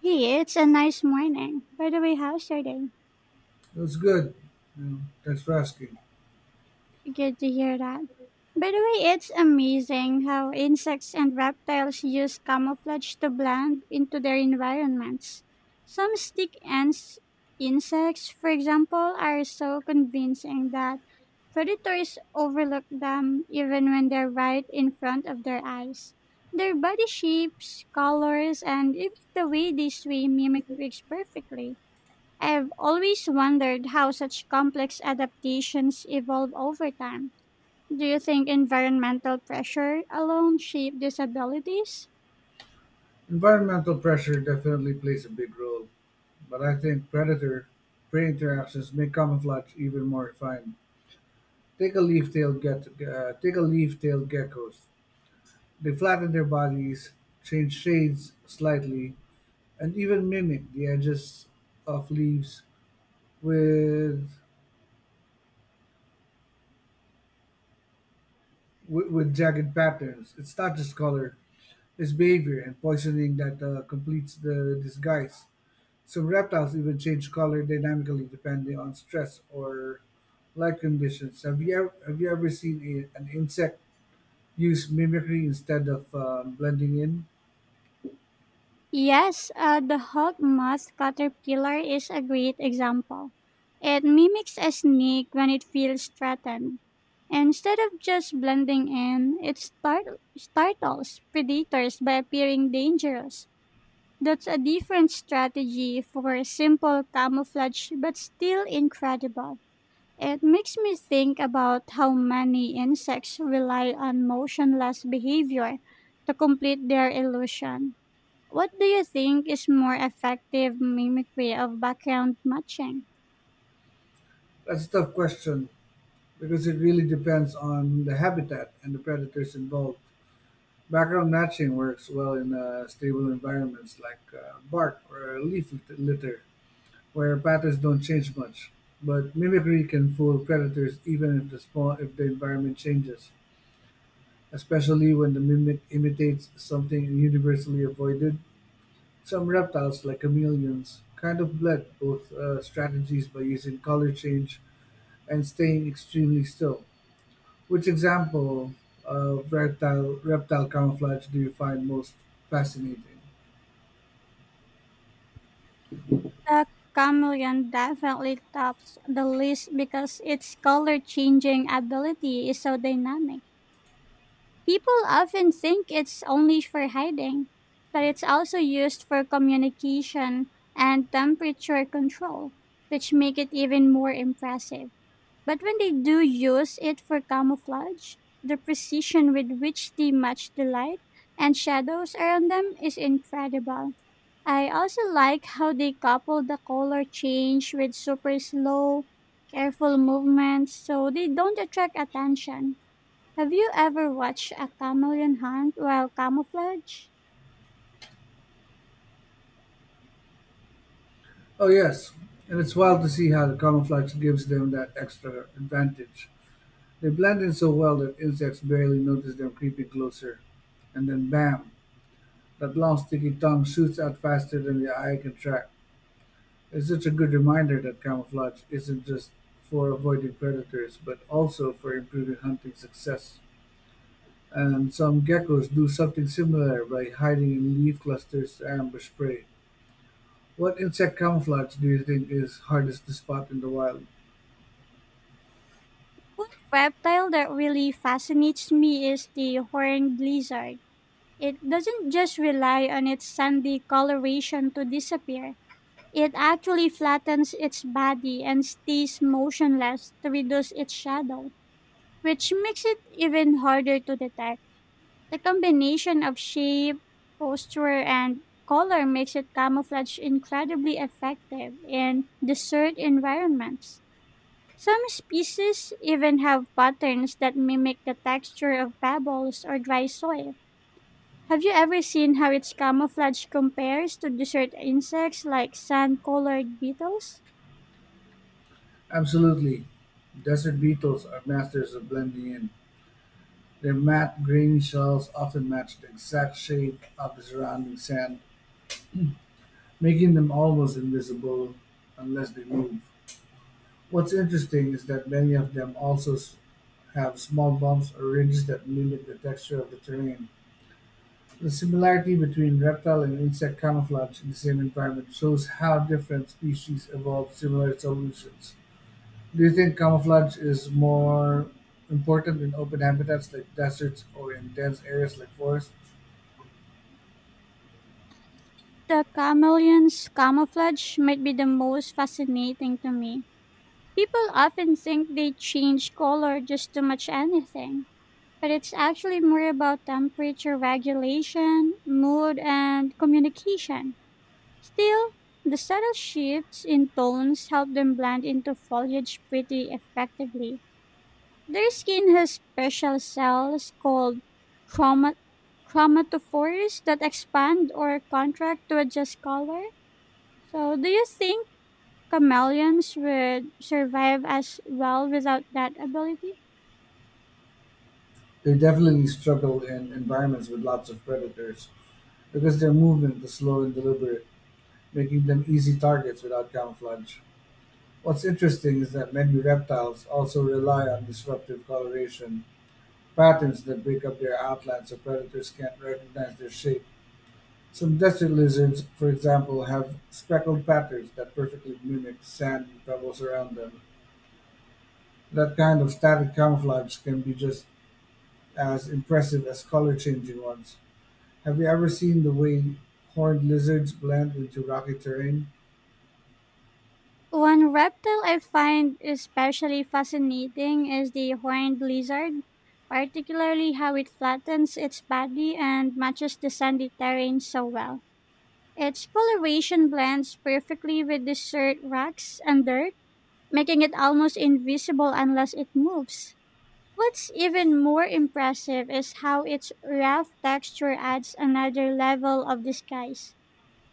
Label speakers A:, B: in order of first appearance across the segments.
A: Hey, it's a nice morning. By the way, how's your day?
B: It was good. Mm, thanks for asking.
A: Good to hear that. By the way, it's amazing how insects and reptiles use camouflage to blend into their environments. Some stick ants, insects, for example, are so convincing that predators overlook them even when they're right in front of their eyes. Their body shapes, colors, and even the way they swim mimic twigs perfectly. I've always wondered how such complex adaptations evolve over time. Do you think environmental pressure alone shape these abilities?
B: Environmental pressure definitely plays a big role, but I think predator prey interactions make camouflage even more refined. Take a leaf-tailed geckos. They flatten their bodies, change shades slightly, and even mimic the edges of leaves with with jagged patterns. It's not just color; it's behavior and poisoning that completes the disguise. Some reptiles even change color dynamically depending on stress or light conditions. Have you ever seen an insect use mimicry instead of blending in?
A: Yes, the hawk moth caterpillar is a great example. It mimics a snake when it feels threatened. Instead of just blending in, it startles predators by appearing dangerous. That's a different strategy for simple camouflage, but still incredible. It makes me think about how many insects rely on motionless behavior to complete their illusion. What do you think is more effective mimicry of background matching?
B: That's a tough question because it really depends on the habitat and the predators involved. Background matching works well in stable environments like bark or litter, where patterns don't change much. But mimicry can fool predators even if the environment changes, especially when the mimic imitates something universally avoided. Some reptiles, like chameleons, kind of blend both strategies by using color change and staying extremely still. Which example of reptile camouflage do you find most fascinating?
A: The chameleon definitely tops the list because its color changing ability is so dynamic. People often think it's only for hiding, but it's also used for communication and temperature control, which make it even more impressive. But when they do use it for camouflage, the precision with which they match the light and shadows around them is incredible. I also like how they couple the color change with super slow, careful movements so they don't attract attention. Have you ever watched a chameleon hunt while camouflage?
B: Oh, yes, and it's wild to see how the camouflage gives them that extra advantage. They blend in so well that insects barely notice them creeping closer, and then bam! That long sticky tongue shoots out faster than the eye can track. It's such a good reminder that camouflage isn't just for avoiding predators, but also for improving hunting success. And some geckos do something similar by hiding in leaf clusters to ambush prey. What insect camouflage do you think is hardest to spot in the wild?
A: One reptile that really fascinates me is the horned lizard. It doesn't just rely on its sandy coloration to disappear. It actually flattens its body and stays motionless to reduce its shadow, which makes it even harder to detect. The combination of shape, posture, and color makes it camouflage incredibly effective in desert environments. Some species even have patterns that mimic the texture of pebbles or dry soil. Have you ever seen how its camouflage compares to desert insects like sand colored beetles?
B: Absolutely. Desert beetles are masters of blending in. Their matte green shells often match the exact shade of the surrounding sand, making them almost invisible unless they move. What's interesting is that many of them have small bumps or ridges that mimic the texture of the terrain. The similarity between reptile and insect camouflage in the same environment shows how different species evolve similar solutions. Do you think camouflage is more important in open habitats like deserts or in dense areas like forests?
A: The chameleon's camouflage might be the most fascinating to me. People often think they change color just to match anything, but it's actually more about temperature regulation, mood, and communication. Still, the subtle shifts in tones help them blend into foliage pretty effectively. Their skin has special cells called chroma- chromatophores that expand or contract to adjust color. So, do you think chameleons would survive as well without that ability?
B: They definitely struggle in environments with lots of predators because their movement is slow and deliberate, making them easy targets without camouflage. What's interesting is that many reptiles also rely on disruptive coloration, patterns that break up their outline so predators can't recognize their shape. Some desert lizards, for example, have speckled patterns that perfectly mimic sand and pebbles around them. That kind of static camouflage can be just as impressive as color changing ones. Have you ever seen the way horned lizards blend into rocky terrain?
A: One reptile I find especially fascinating is the horned lizard, particularly how it flattens its body and matches the sandy terrain so well. Its coloration blends perfectly with the desert rocks and dirt, making it almost invisible unless it moves. What's even more impressive is how its rough texture adds another level of disguise.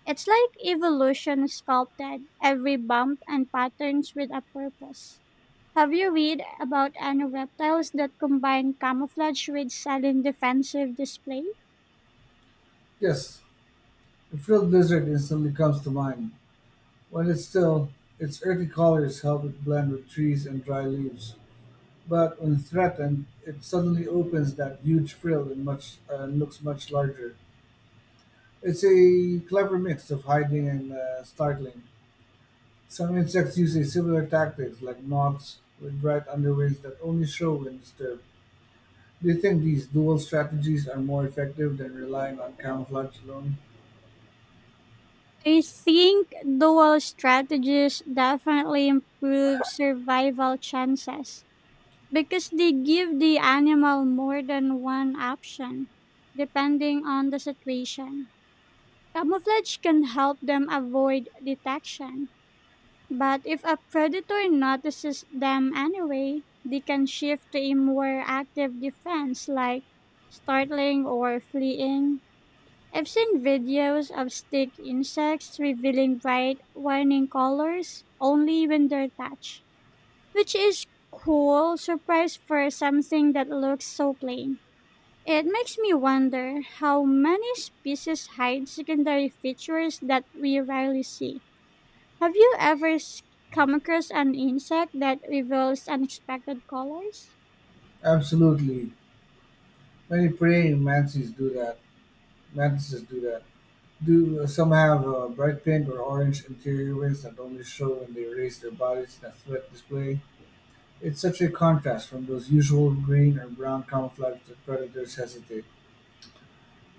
A: It's like evolution sculpted every bump and patterns with a purpose. Have you read about any reptiles that combine camouflage with sudden defensive display?
B: Yes, the frilled lizard instantly comes to mind. When it's still, its earthy colors help it blend with trees and dry leaves. But when threatened, it suddenly opens that huge frill and much and looks much larger. It's a clever mix of hiding and startling. Some insects use a similar tactics, like moths with bright underwings that only show when disturbed. Do you think these dual strategies are more effective than relying on camouflage alone?
A: I think dual strategies definitely improve survival chances because they give the animal more than one option depending on the situation. Camouflage can help them avoid detection. But if a predator notices them anyway, they can shift to a more active defense like startling or fleeing. I've seen videos of stick insects revealing bright, warning colors only when they're touched, which is cool surprise for something that looks so plain. It makes me wonder how many species hide secondary features that we rarely see. Have you ever come across an insect that reveals unexpected colors?
B: Absolutely. Many praying mantises do that. Mantises do that. Do some have a bright pink or orange interior wings that only show when they raise their bodies in a threat display? It's such a contrast from those usual green or brown camouflage that predators hesitate,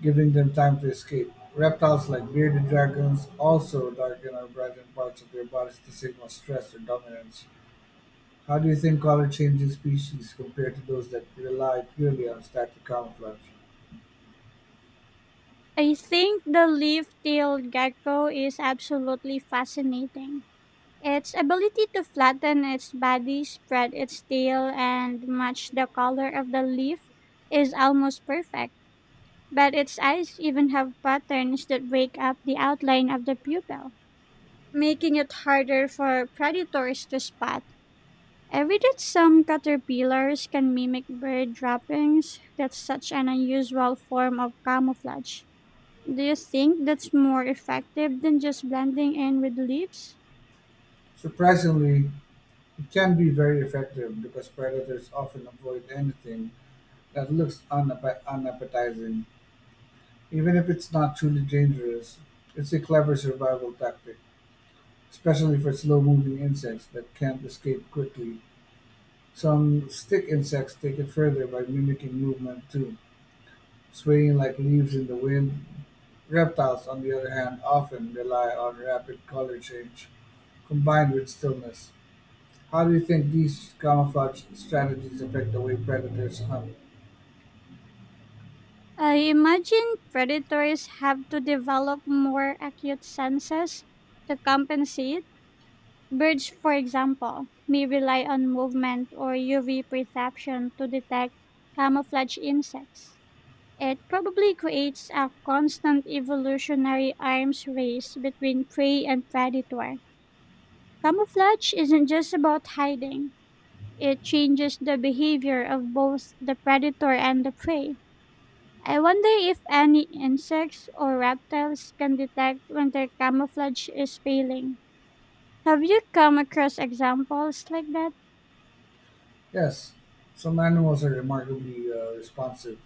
B: giving them time to escape. Reptiles like bearded dragons also darken or brighten parts of their bodies to signal stress or dominance. How do you think color changing species compare to those that rely purely on static camouflage?
A: I think the leaf tailed gecko is absolutely fascinating. Its ability to flatten its body, spread its tail, and match the color of the leaf is almost perfect. But its eyes even have patterns that break up the outline of the pupil, making it harder for predators to spot. I did some caterpillars can mimic bird droppings. That's such an unusual form of camouflage. Do you think that's more effective than just blending in with leaves?
B: Surprisingly, it can be very effective because predators often avoid anything that looks unappetizing, even if it's not truly dangerous. It's a clever survival tactic, especially for slow moving insects that can't escape quickly. Some stick insects take it further by mimicking movement too, swaying like leaves in the wind. Reptiles, on the other hand, often rely on rapid color change combined with stillness. How do you think these camouflage strategies affect the way predators hunt?
A: I imagine predators have to develop more acute senses to compensate. Birds, for example, may rely on movement or UV perception to detect camouflage insects. It probably creates a constant evolutionary arms race between prey and predator. Camouflage isn't just about hiding, it changes the behavior of both the predator and the prey. I wonder if any insects or reptiles can detect when their camouflage is failing. Have you come across examples like that?
B: Yes, some animals are remarkably responsive.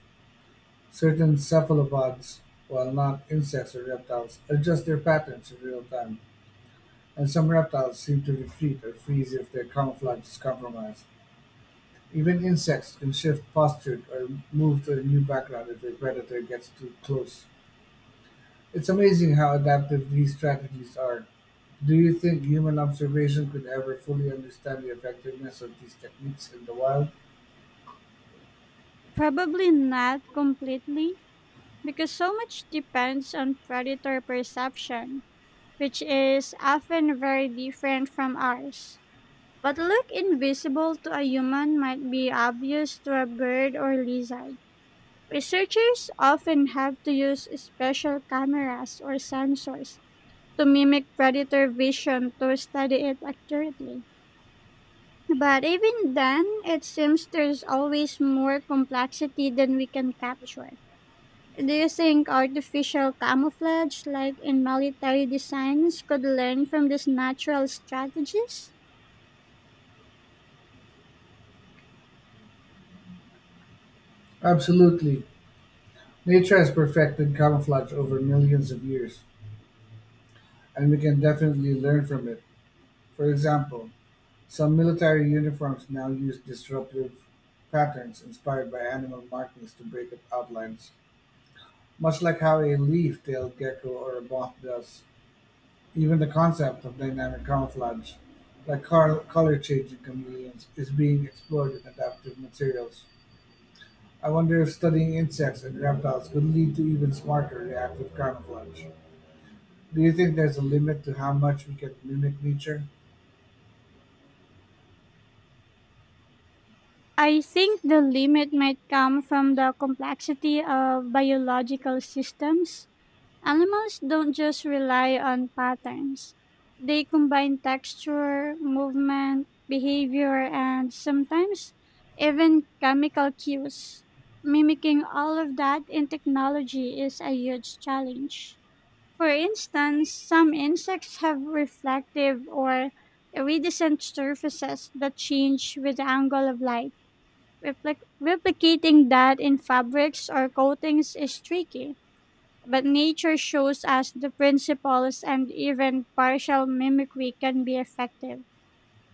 B: Certain cephalopods, while not insects or reptiles, adjust their patterns in real time, and some reptiles seem to retreat or freeze if their camouflage is compromised. Even insects can shift posture or move to a new background if a predator gets too close. It's amazing how adaptive these strategies are. Do you think human observation could ever fully understand the effectiveness of these techniques in the wild?
A: Probably not completely, because so much depends on predator perception, which is often very different from ours. What look invisible to a human might be obvious to a bird or lizard. Researchers often have to use special cameras or sensors to mimic predator vision to study it accurately. But even then, it seems there's always more complexity than we can capture. Do you think artificial camouflage, like in military designs, could learn from these natural strategies?
B: Absolutely. Nature has perfected camouflage over millions of years, and we can definitely learn from it. For example, some military uniforms now use disruptive patterns inspired by animal markings to break up outlines, much like how a leaf-tailed gecko or a moth does. Even the concept of dynamic camouflage, like color-changing chameleons, is being explored in adaptive materials. I wonder if studying insects and reptiles could lead to even smarter reactive camouflage. Do you think there's a limit to how much we can mimic nature?
A: I think the limit might come from the complexity of biological systems. Animals don't just rely on patterns, they combine texture, movement, behavior, and sometimes even chemical cues. Mimicking all of that in technology is a huge challenge. For instance, some insects have reflective or iridescent surfaces that change with the angle of light. Replicating that in fabrics or coatings is tricky, but nature shows us the principles and even partial mimicry can be effective.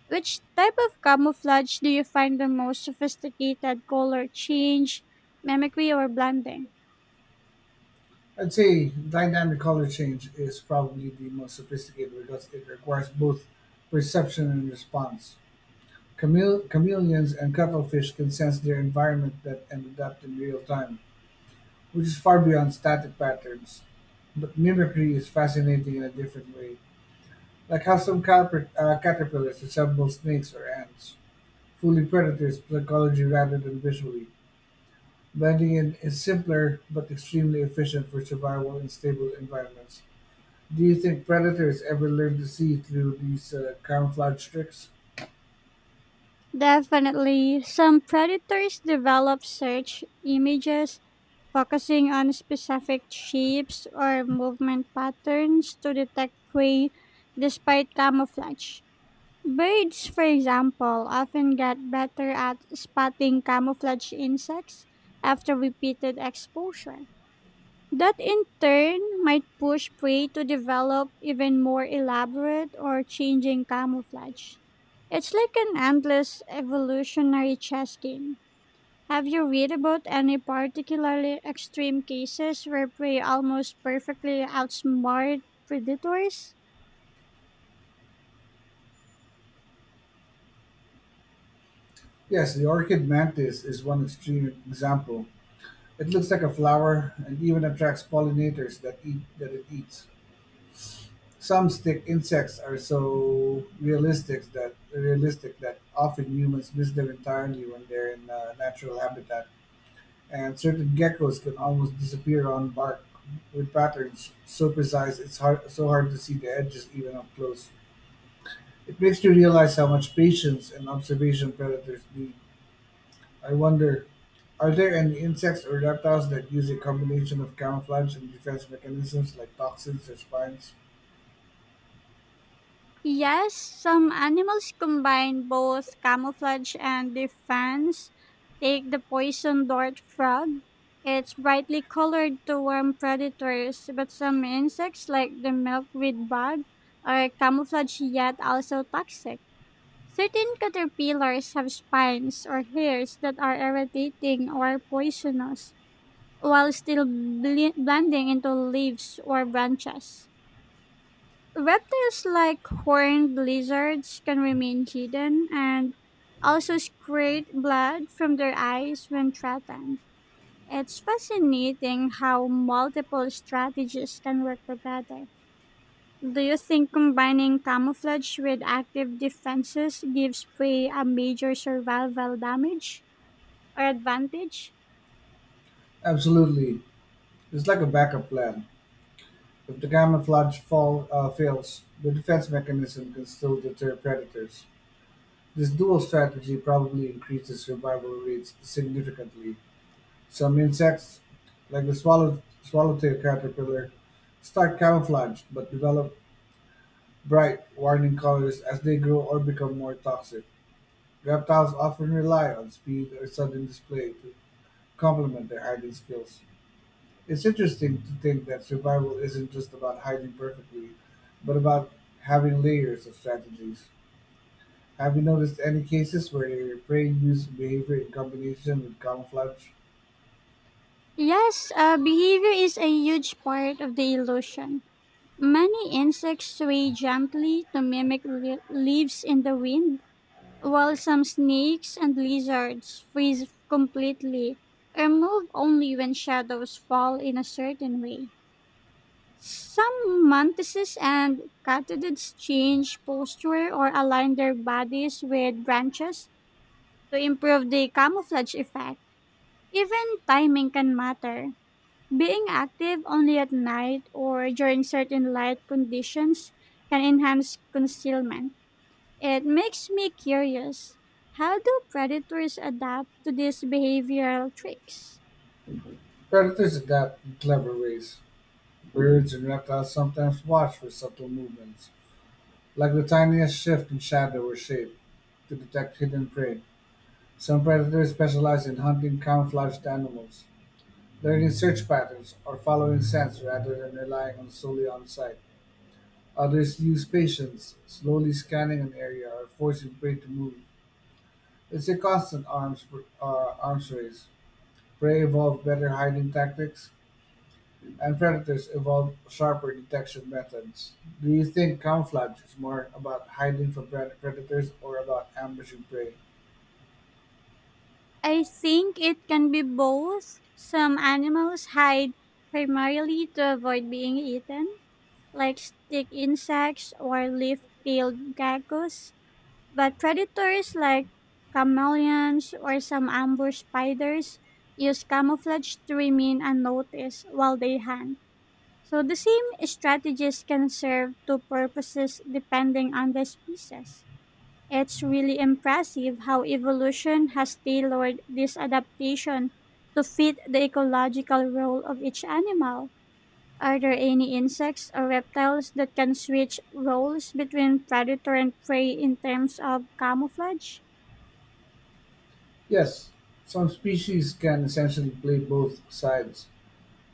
A: Which type of camouflage do you find the most sophisticated color change, mimicry, or blending?
B: I'd say dynamic color change is probably the most sophisticated because it requires both perception and response. Chameleons and cuttlefish can sense their environment that and adapt in real time, which is far beyond static patterns. But mimicry is fascinating in a different way, like how some caterpillars resemble snakes or ants, fooling predators psychology rather than visually. Blending in is simpler but extremely efficient for survival in stable environments. Do you think predators ever learn to see through these camouflage tricks?
A: Definitely, some predators develop search images focusing on specific shapes or movement patterns to detect prey despite camouflage. Birds, for example, often get better at spotting camouflage insects after repeated exposure that in turn might push prey to develop even more elaborate or changing camouflage. It's like an endless evolutionary chess game. Have you read about any particularly extreme cases where prey almost perfectly outsmart predators?
B: Yes, the orchid mantis is one extreme example. It looks like a flower and even attracts pollinators that it eats. Some stick insects are so realistic that often humans miss them entirely when they're in natural habitat. And certain geckos can almost disappear on bark with patterns so precise it's hard so hard to see the edges even up close. It makes you realize how much patience and observation predators need. I wonder, are there any insects or reptiles that use a combination of camouflage and defense mechanisms like toxins or spines?
A: Yes, some animals combine both camouflage and defense. Take the poison dart frog. It's brightly colored to warn predators, but some insects, like the milkweed bug, are camouflage yet also toxic. Certain caterpillars have spines or hairs that are irritating or poisonous, while still blending into leaves or branches. Reptiles like horned lizards can remain hidden and also secrete blood from their eyes when threatened. It's fascinating how multiple strategies can work together. Do you think combining camouflage with active defenses gives prey a major survival damage or advantage?
B: Absolutely. It's like a backup plan. If the fails, the defense mechanism can still deter predators. This dual strategy probably increases survival rates significantly. Some insects, like the swallowtail caterpillar, start camouflaged but develop bright, warning colors as they grow or become more toxic. Reptiles often rely on speed or sudden display to complement their hiding skills. It's interesting to think that survival isn't just about hiding perfectly, but about having layers of strategies. Have you noticed any cases where your prey use behavior in combination with camouflage?
A: Yes, behavior is a huge part of the illusion. Many insects sway gently to mimic leaves in the wind, while some snakes and lizards freeze completely or move only when shadows fall in a certain way. Some mantises and katydids change posture or align their bodies with branches to improve the camouflage effect. Even timing can matter. Being active only at night or during certain light conditions can enhance concealment. It makes me curious. How do predators adapt to these behavioral tricks?
B: Predators adapt in clever ways. Birds and reptiles sometimes watch for subtle movements, like the tiniest shift in shadow or shape, to detect hidden prey. Some predators specialize in hunting camouflaged animals, learning search patterns, or following scents rather than relying on solely on sight. Others use patience, slowly scanning an area or forcing prey to move. It's a constant arms arms race. Prey evolve better hiding tactics, and predators evolve sharper detection methods. Do you think camouflage is more about hiding from predators or about ambushing prey?
A: I think it can be both. Some animals hide primarily to avoid being eaten, like stick insects or leaf tailed geckos. But predators like chameleons or some ambush spiders use camouflage to remain unnoticed while they hunt. So the same strategies can serve two purposes depending on the species. It's really impressive how evolution has tailored this adaptation to fit the ecological role of each animal. Are there any insects or reptiles that can switch roles between predator and prey in terms of camouflage?
B: Yes, some species can essentially play both sides.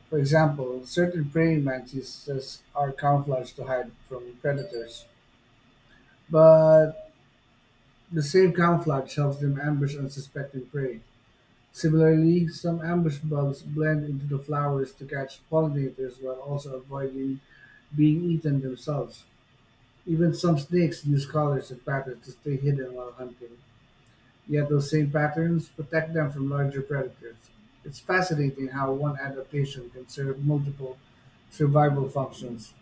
B: For example, certain praying mantises are camouflaged to hide from predators, but the same camouflage helps them ambush unsuspecting prey. Similarly, some ambush bugs blend into the flowers to catch pollinators while also avoiding being eaten themselves. Even some snakes use colors and patterns to stay hidden while hunting, yet those same patterns protect them from larger predators. It's fascinating how one adaptation can serve multiple survival functions.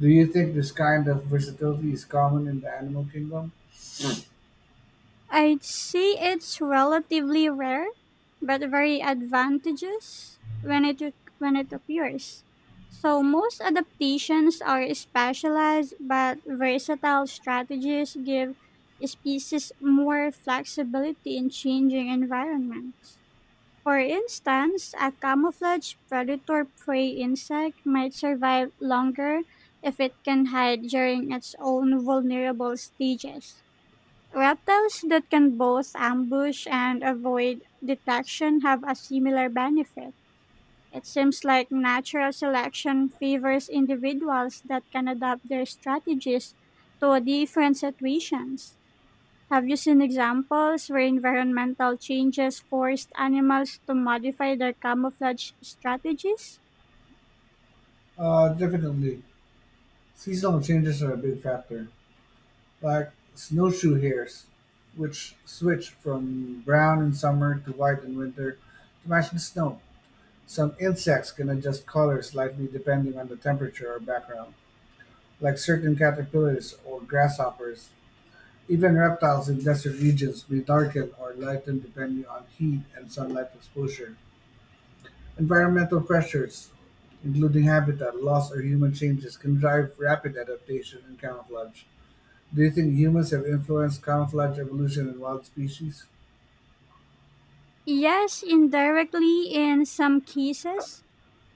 B: Do you think this kind of versatility is common in the animal kingdom?
A: I'd say it's relatively rare, but very advantageous when it appears. So most adaptations are specialized, but versatile strategies give species more flexibility in changing environments. For instance, a camouflaged predator prey insect might survive longer if it can hide during its own vulnerable stages. Reptiles that can both ambush and avoid detection have a similar benefit. It seems like natural selection favors individuals that can adapt their strategies to different situations. Have you seen examples where environmental changes forced animals to modify their camouflage strategies?
B: Definitely. Seasonal changes are a big factor, like snowshoe hares, which switch from brown in summer to white in winter to match the snow. Some insects can adjust color slightly depending on the temperature or background, like certain caterpillars or grasshoppers. Even reptiles in desert regions may darken or lighten depending on heat and sunlight exposure. Environmental pressures, including habitat loss or human changes, can drive rapid adaptation and camouflage. Do you think humans have influenced camouflage evolution in wild species?
A: Yes, indirectly in some cases.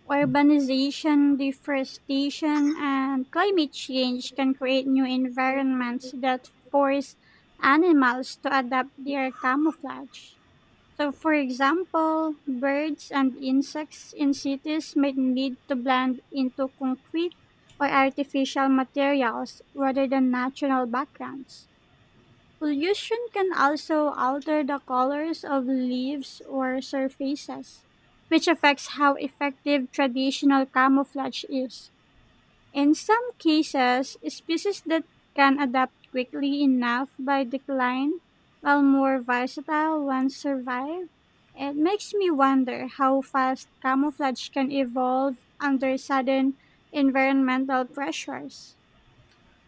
A: Urbanization, deforestation, and climate change can create new environments that force animals to adapt their camouflage. So, for example, birds and insects in cities may need to blend into concrete or artificial materials rather than natural backgrounds. Pollution can also alter the colors of leaves or surfaces, which affects how effective traditional camouflage is. In some cases, species that can adapt quickly enough by decline, while more versatile ones survive. It makes me wonder how fast camouflage can evolve under sudden environmental pressures.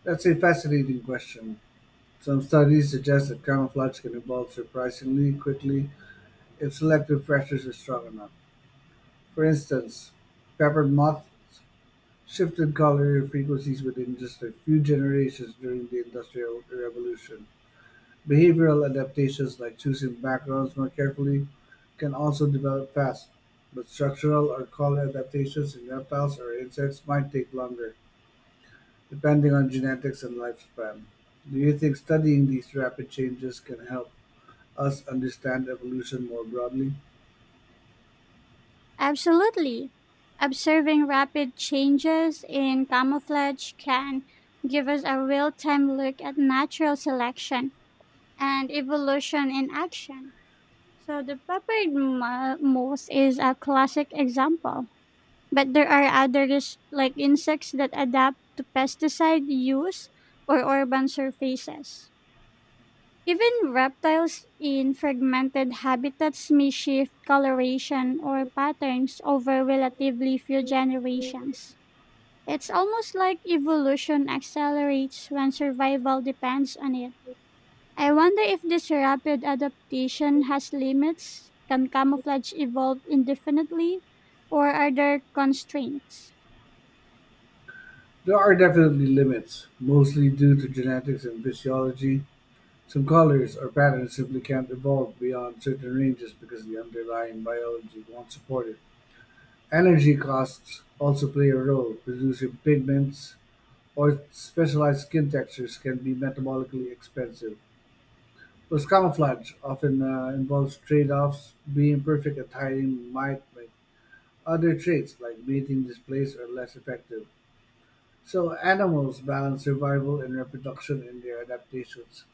B: That's a fascinating question. Some studies suggest that camouflage can evolve surprisingly quickly if selective pressures are strong enough. For instance, peppered moths shifted color frequencies within just a few generations during the Industrial Revolution. Behavioral adaptations like choosing backgrounds more carefully can also develop fast, but structural or color adaptations in reptiles or insects might take longer, depending on genetics and lifespan. Do you think studying these rapid changes can help us understand evolution more broadly?
A: Absolutely. Observing rapid changes in camouflage can give us a real time look at natural selection and evolution in action. So the moth is a classic example, but there are others like insects that adapt to pesticide use or urban surfaces. Even reptiles in fragmented habitats may shift coloration or patterns over relatively few generations. It's almost like evolution accelerates when survival depends on it. I wonder if this rapid adaptation has limits. Can camouflage evolve indefinitely, or are there constraints?
B: There are definitely limits, mostly due to genetics and physiology. Some colors or patterns simply can't evolve beyond certain ranges because the underlying biology won't support it. Energy costs also play a role; producing pigments or specialized skin textures can be metabolically expensive, plus camouflage often involves trade-offs. Being perfect at hiding might make other traits like mating displays are less effective. So animals balance survival and reproduction in their adaptations.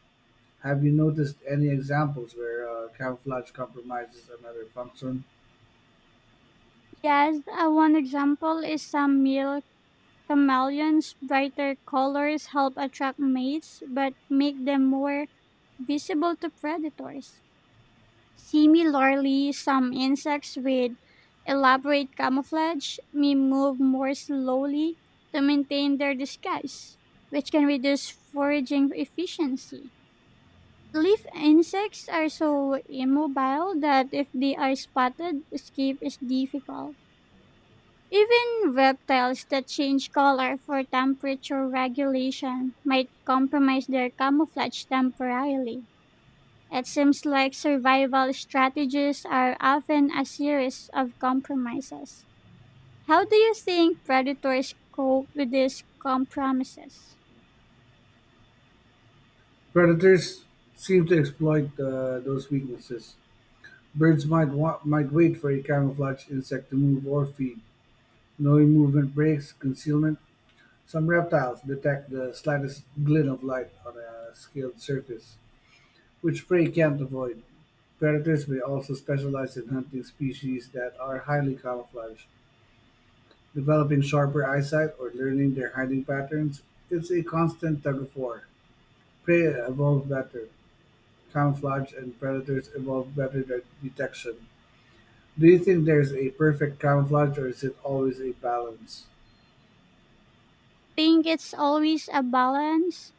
B: Have you noticed any examples where camouflage compromises another function?
A: Yes, one example is some male chameleons. Brighter colors help attract mates, but make them more visible to predators. Similarly, some insects with elaborate camouflage may move more slowly to maintain their disguise, which can reduce foraging efficiency. Leaf insects are so immobile that if they are spotted, escape is difficult. Even reptiles that change color for temperature regulation might compromise their camouflage temporarily. It seems like survival strategies are often a series of compromises. How do you think predators cope with these compromises?
B: Predators seem to exploit those weaknesses. Might wait for a camouflaged insect to move or feed, knowing movement breaks concealment. Some reptiles detect the slightest glint of light on a scaled surface, which prey can't avoid. Predators may also specialize in hunting species that are highly camouflaged, developing sharper eyesight or learning their hiding patterns. It's a constant tug of war. Prey evolve better, camouflage, and predators evolve better at detection. Do you think there is a perfect camouflage or is it always a balance?
A: Think it's always a balance?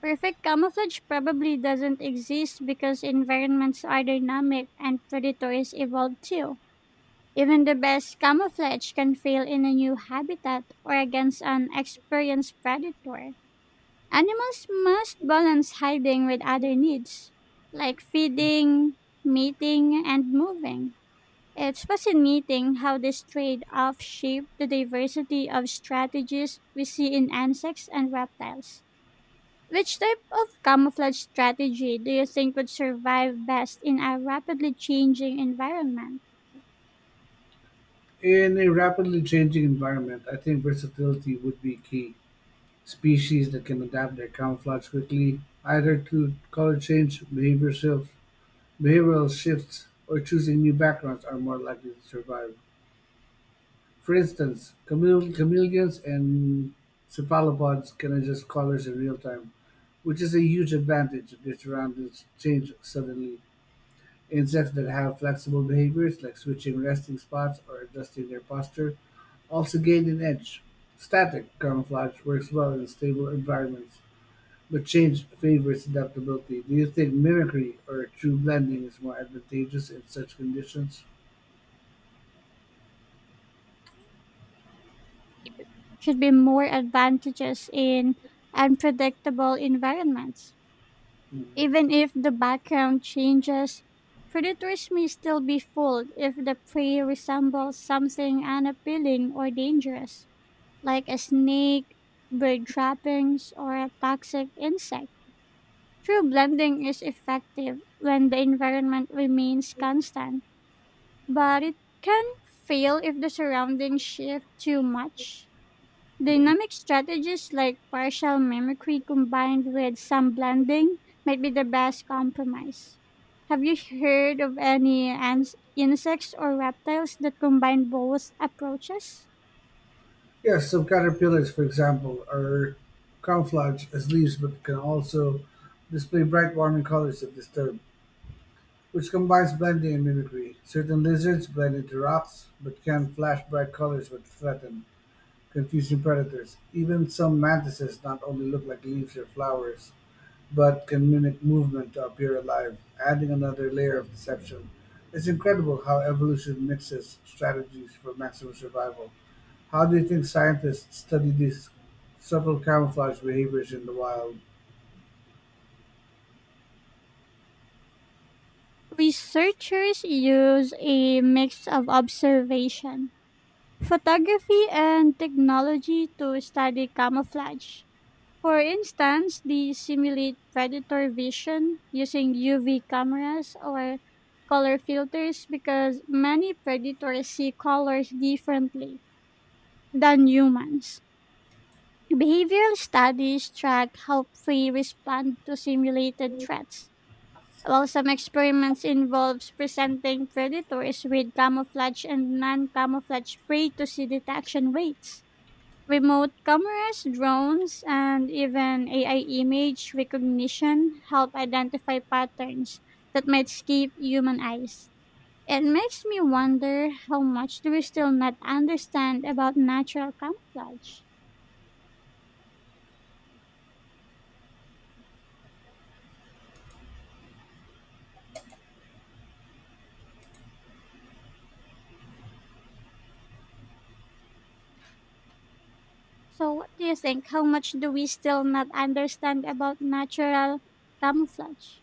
A: Perfect camouflage probably doesn't exist because environments are dynamic and predators evolve too. Even the best camouflage can fail in a new habitat or against an experienced predator. Animals must balance hiding with other needs, like feeding, mating, and moving. It's fascinating how this trade off shaped the diversity of strategies we see in insects and reptiles. Which type of camouflage strategy do you think would survive best in a rapidly changing environment?
B: In a rapidly changing environment, I think versatility would be key. Species that can adapt their camouflage quickly, either to color change, behavioral shifts, or choosing new backgrounds, are more likely to survive. For instance, chameleons and cephalopods can adjust colors in real time, which is a huge advantage if their surroundings change suddenly. Insects that have flexible behaviors, like switching resting spots or adjusting their posture, also gain an edge. Static camouflage works well in stable environments, but change favors adaptability. Do you think mimicry or true blending is more advantageous in such conditions?
A: Should be more advantageous in unpredictable environments.
B: Mhm.
A: Even if the background changes, predators may still be fooled if the prey resembles something unappealing or dangerous, like a snake, bird trappings, or a toxic insect. True blending is effective when the environment remains constant, but it can fail if the surroundings shift too much. Dynamic strategies like partial mimicry combined with some blending might be the best compromise. Have you heard of any insects or reptiles that combine both approaches?
B: Yes, some caterpillars, for example, are camouflaged as leaves but can also display bright warming colors if disturbed, which combines blending and mimicry. Certain lizards blend into rocks, but can flash bright colors when threatened, confusing predators. Even some mantises not only look like leaves or flowers, but can mimic movement to appear alive, adding another layer of deception. It's incredible how evolution mixes strategies for maximum survival. How do you think scientists study these subtle camouflage behaviors in the wild?
A: Researchers use a mix of observation, photography, and technology to study camouflage. For instance, they simulate predator vision using UV cameras or color filters because many predators see colors differently than humans. Behavioral studies track how prey respond to simulated threats, while some experiments involves presenting predators with camouflage and non-camouflage prey to see detection rates. Remote cameras, drones, and even AI image recognition help identify patterns that might escape human eyes. It makes me wonder how much do we still not understand about natural camouflage? So, what do you think? How much do we still not understand about natural camouflage?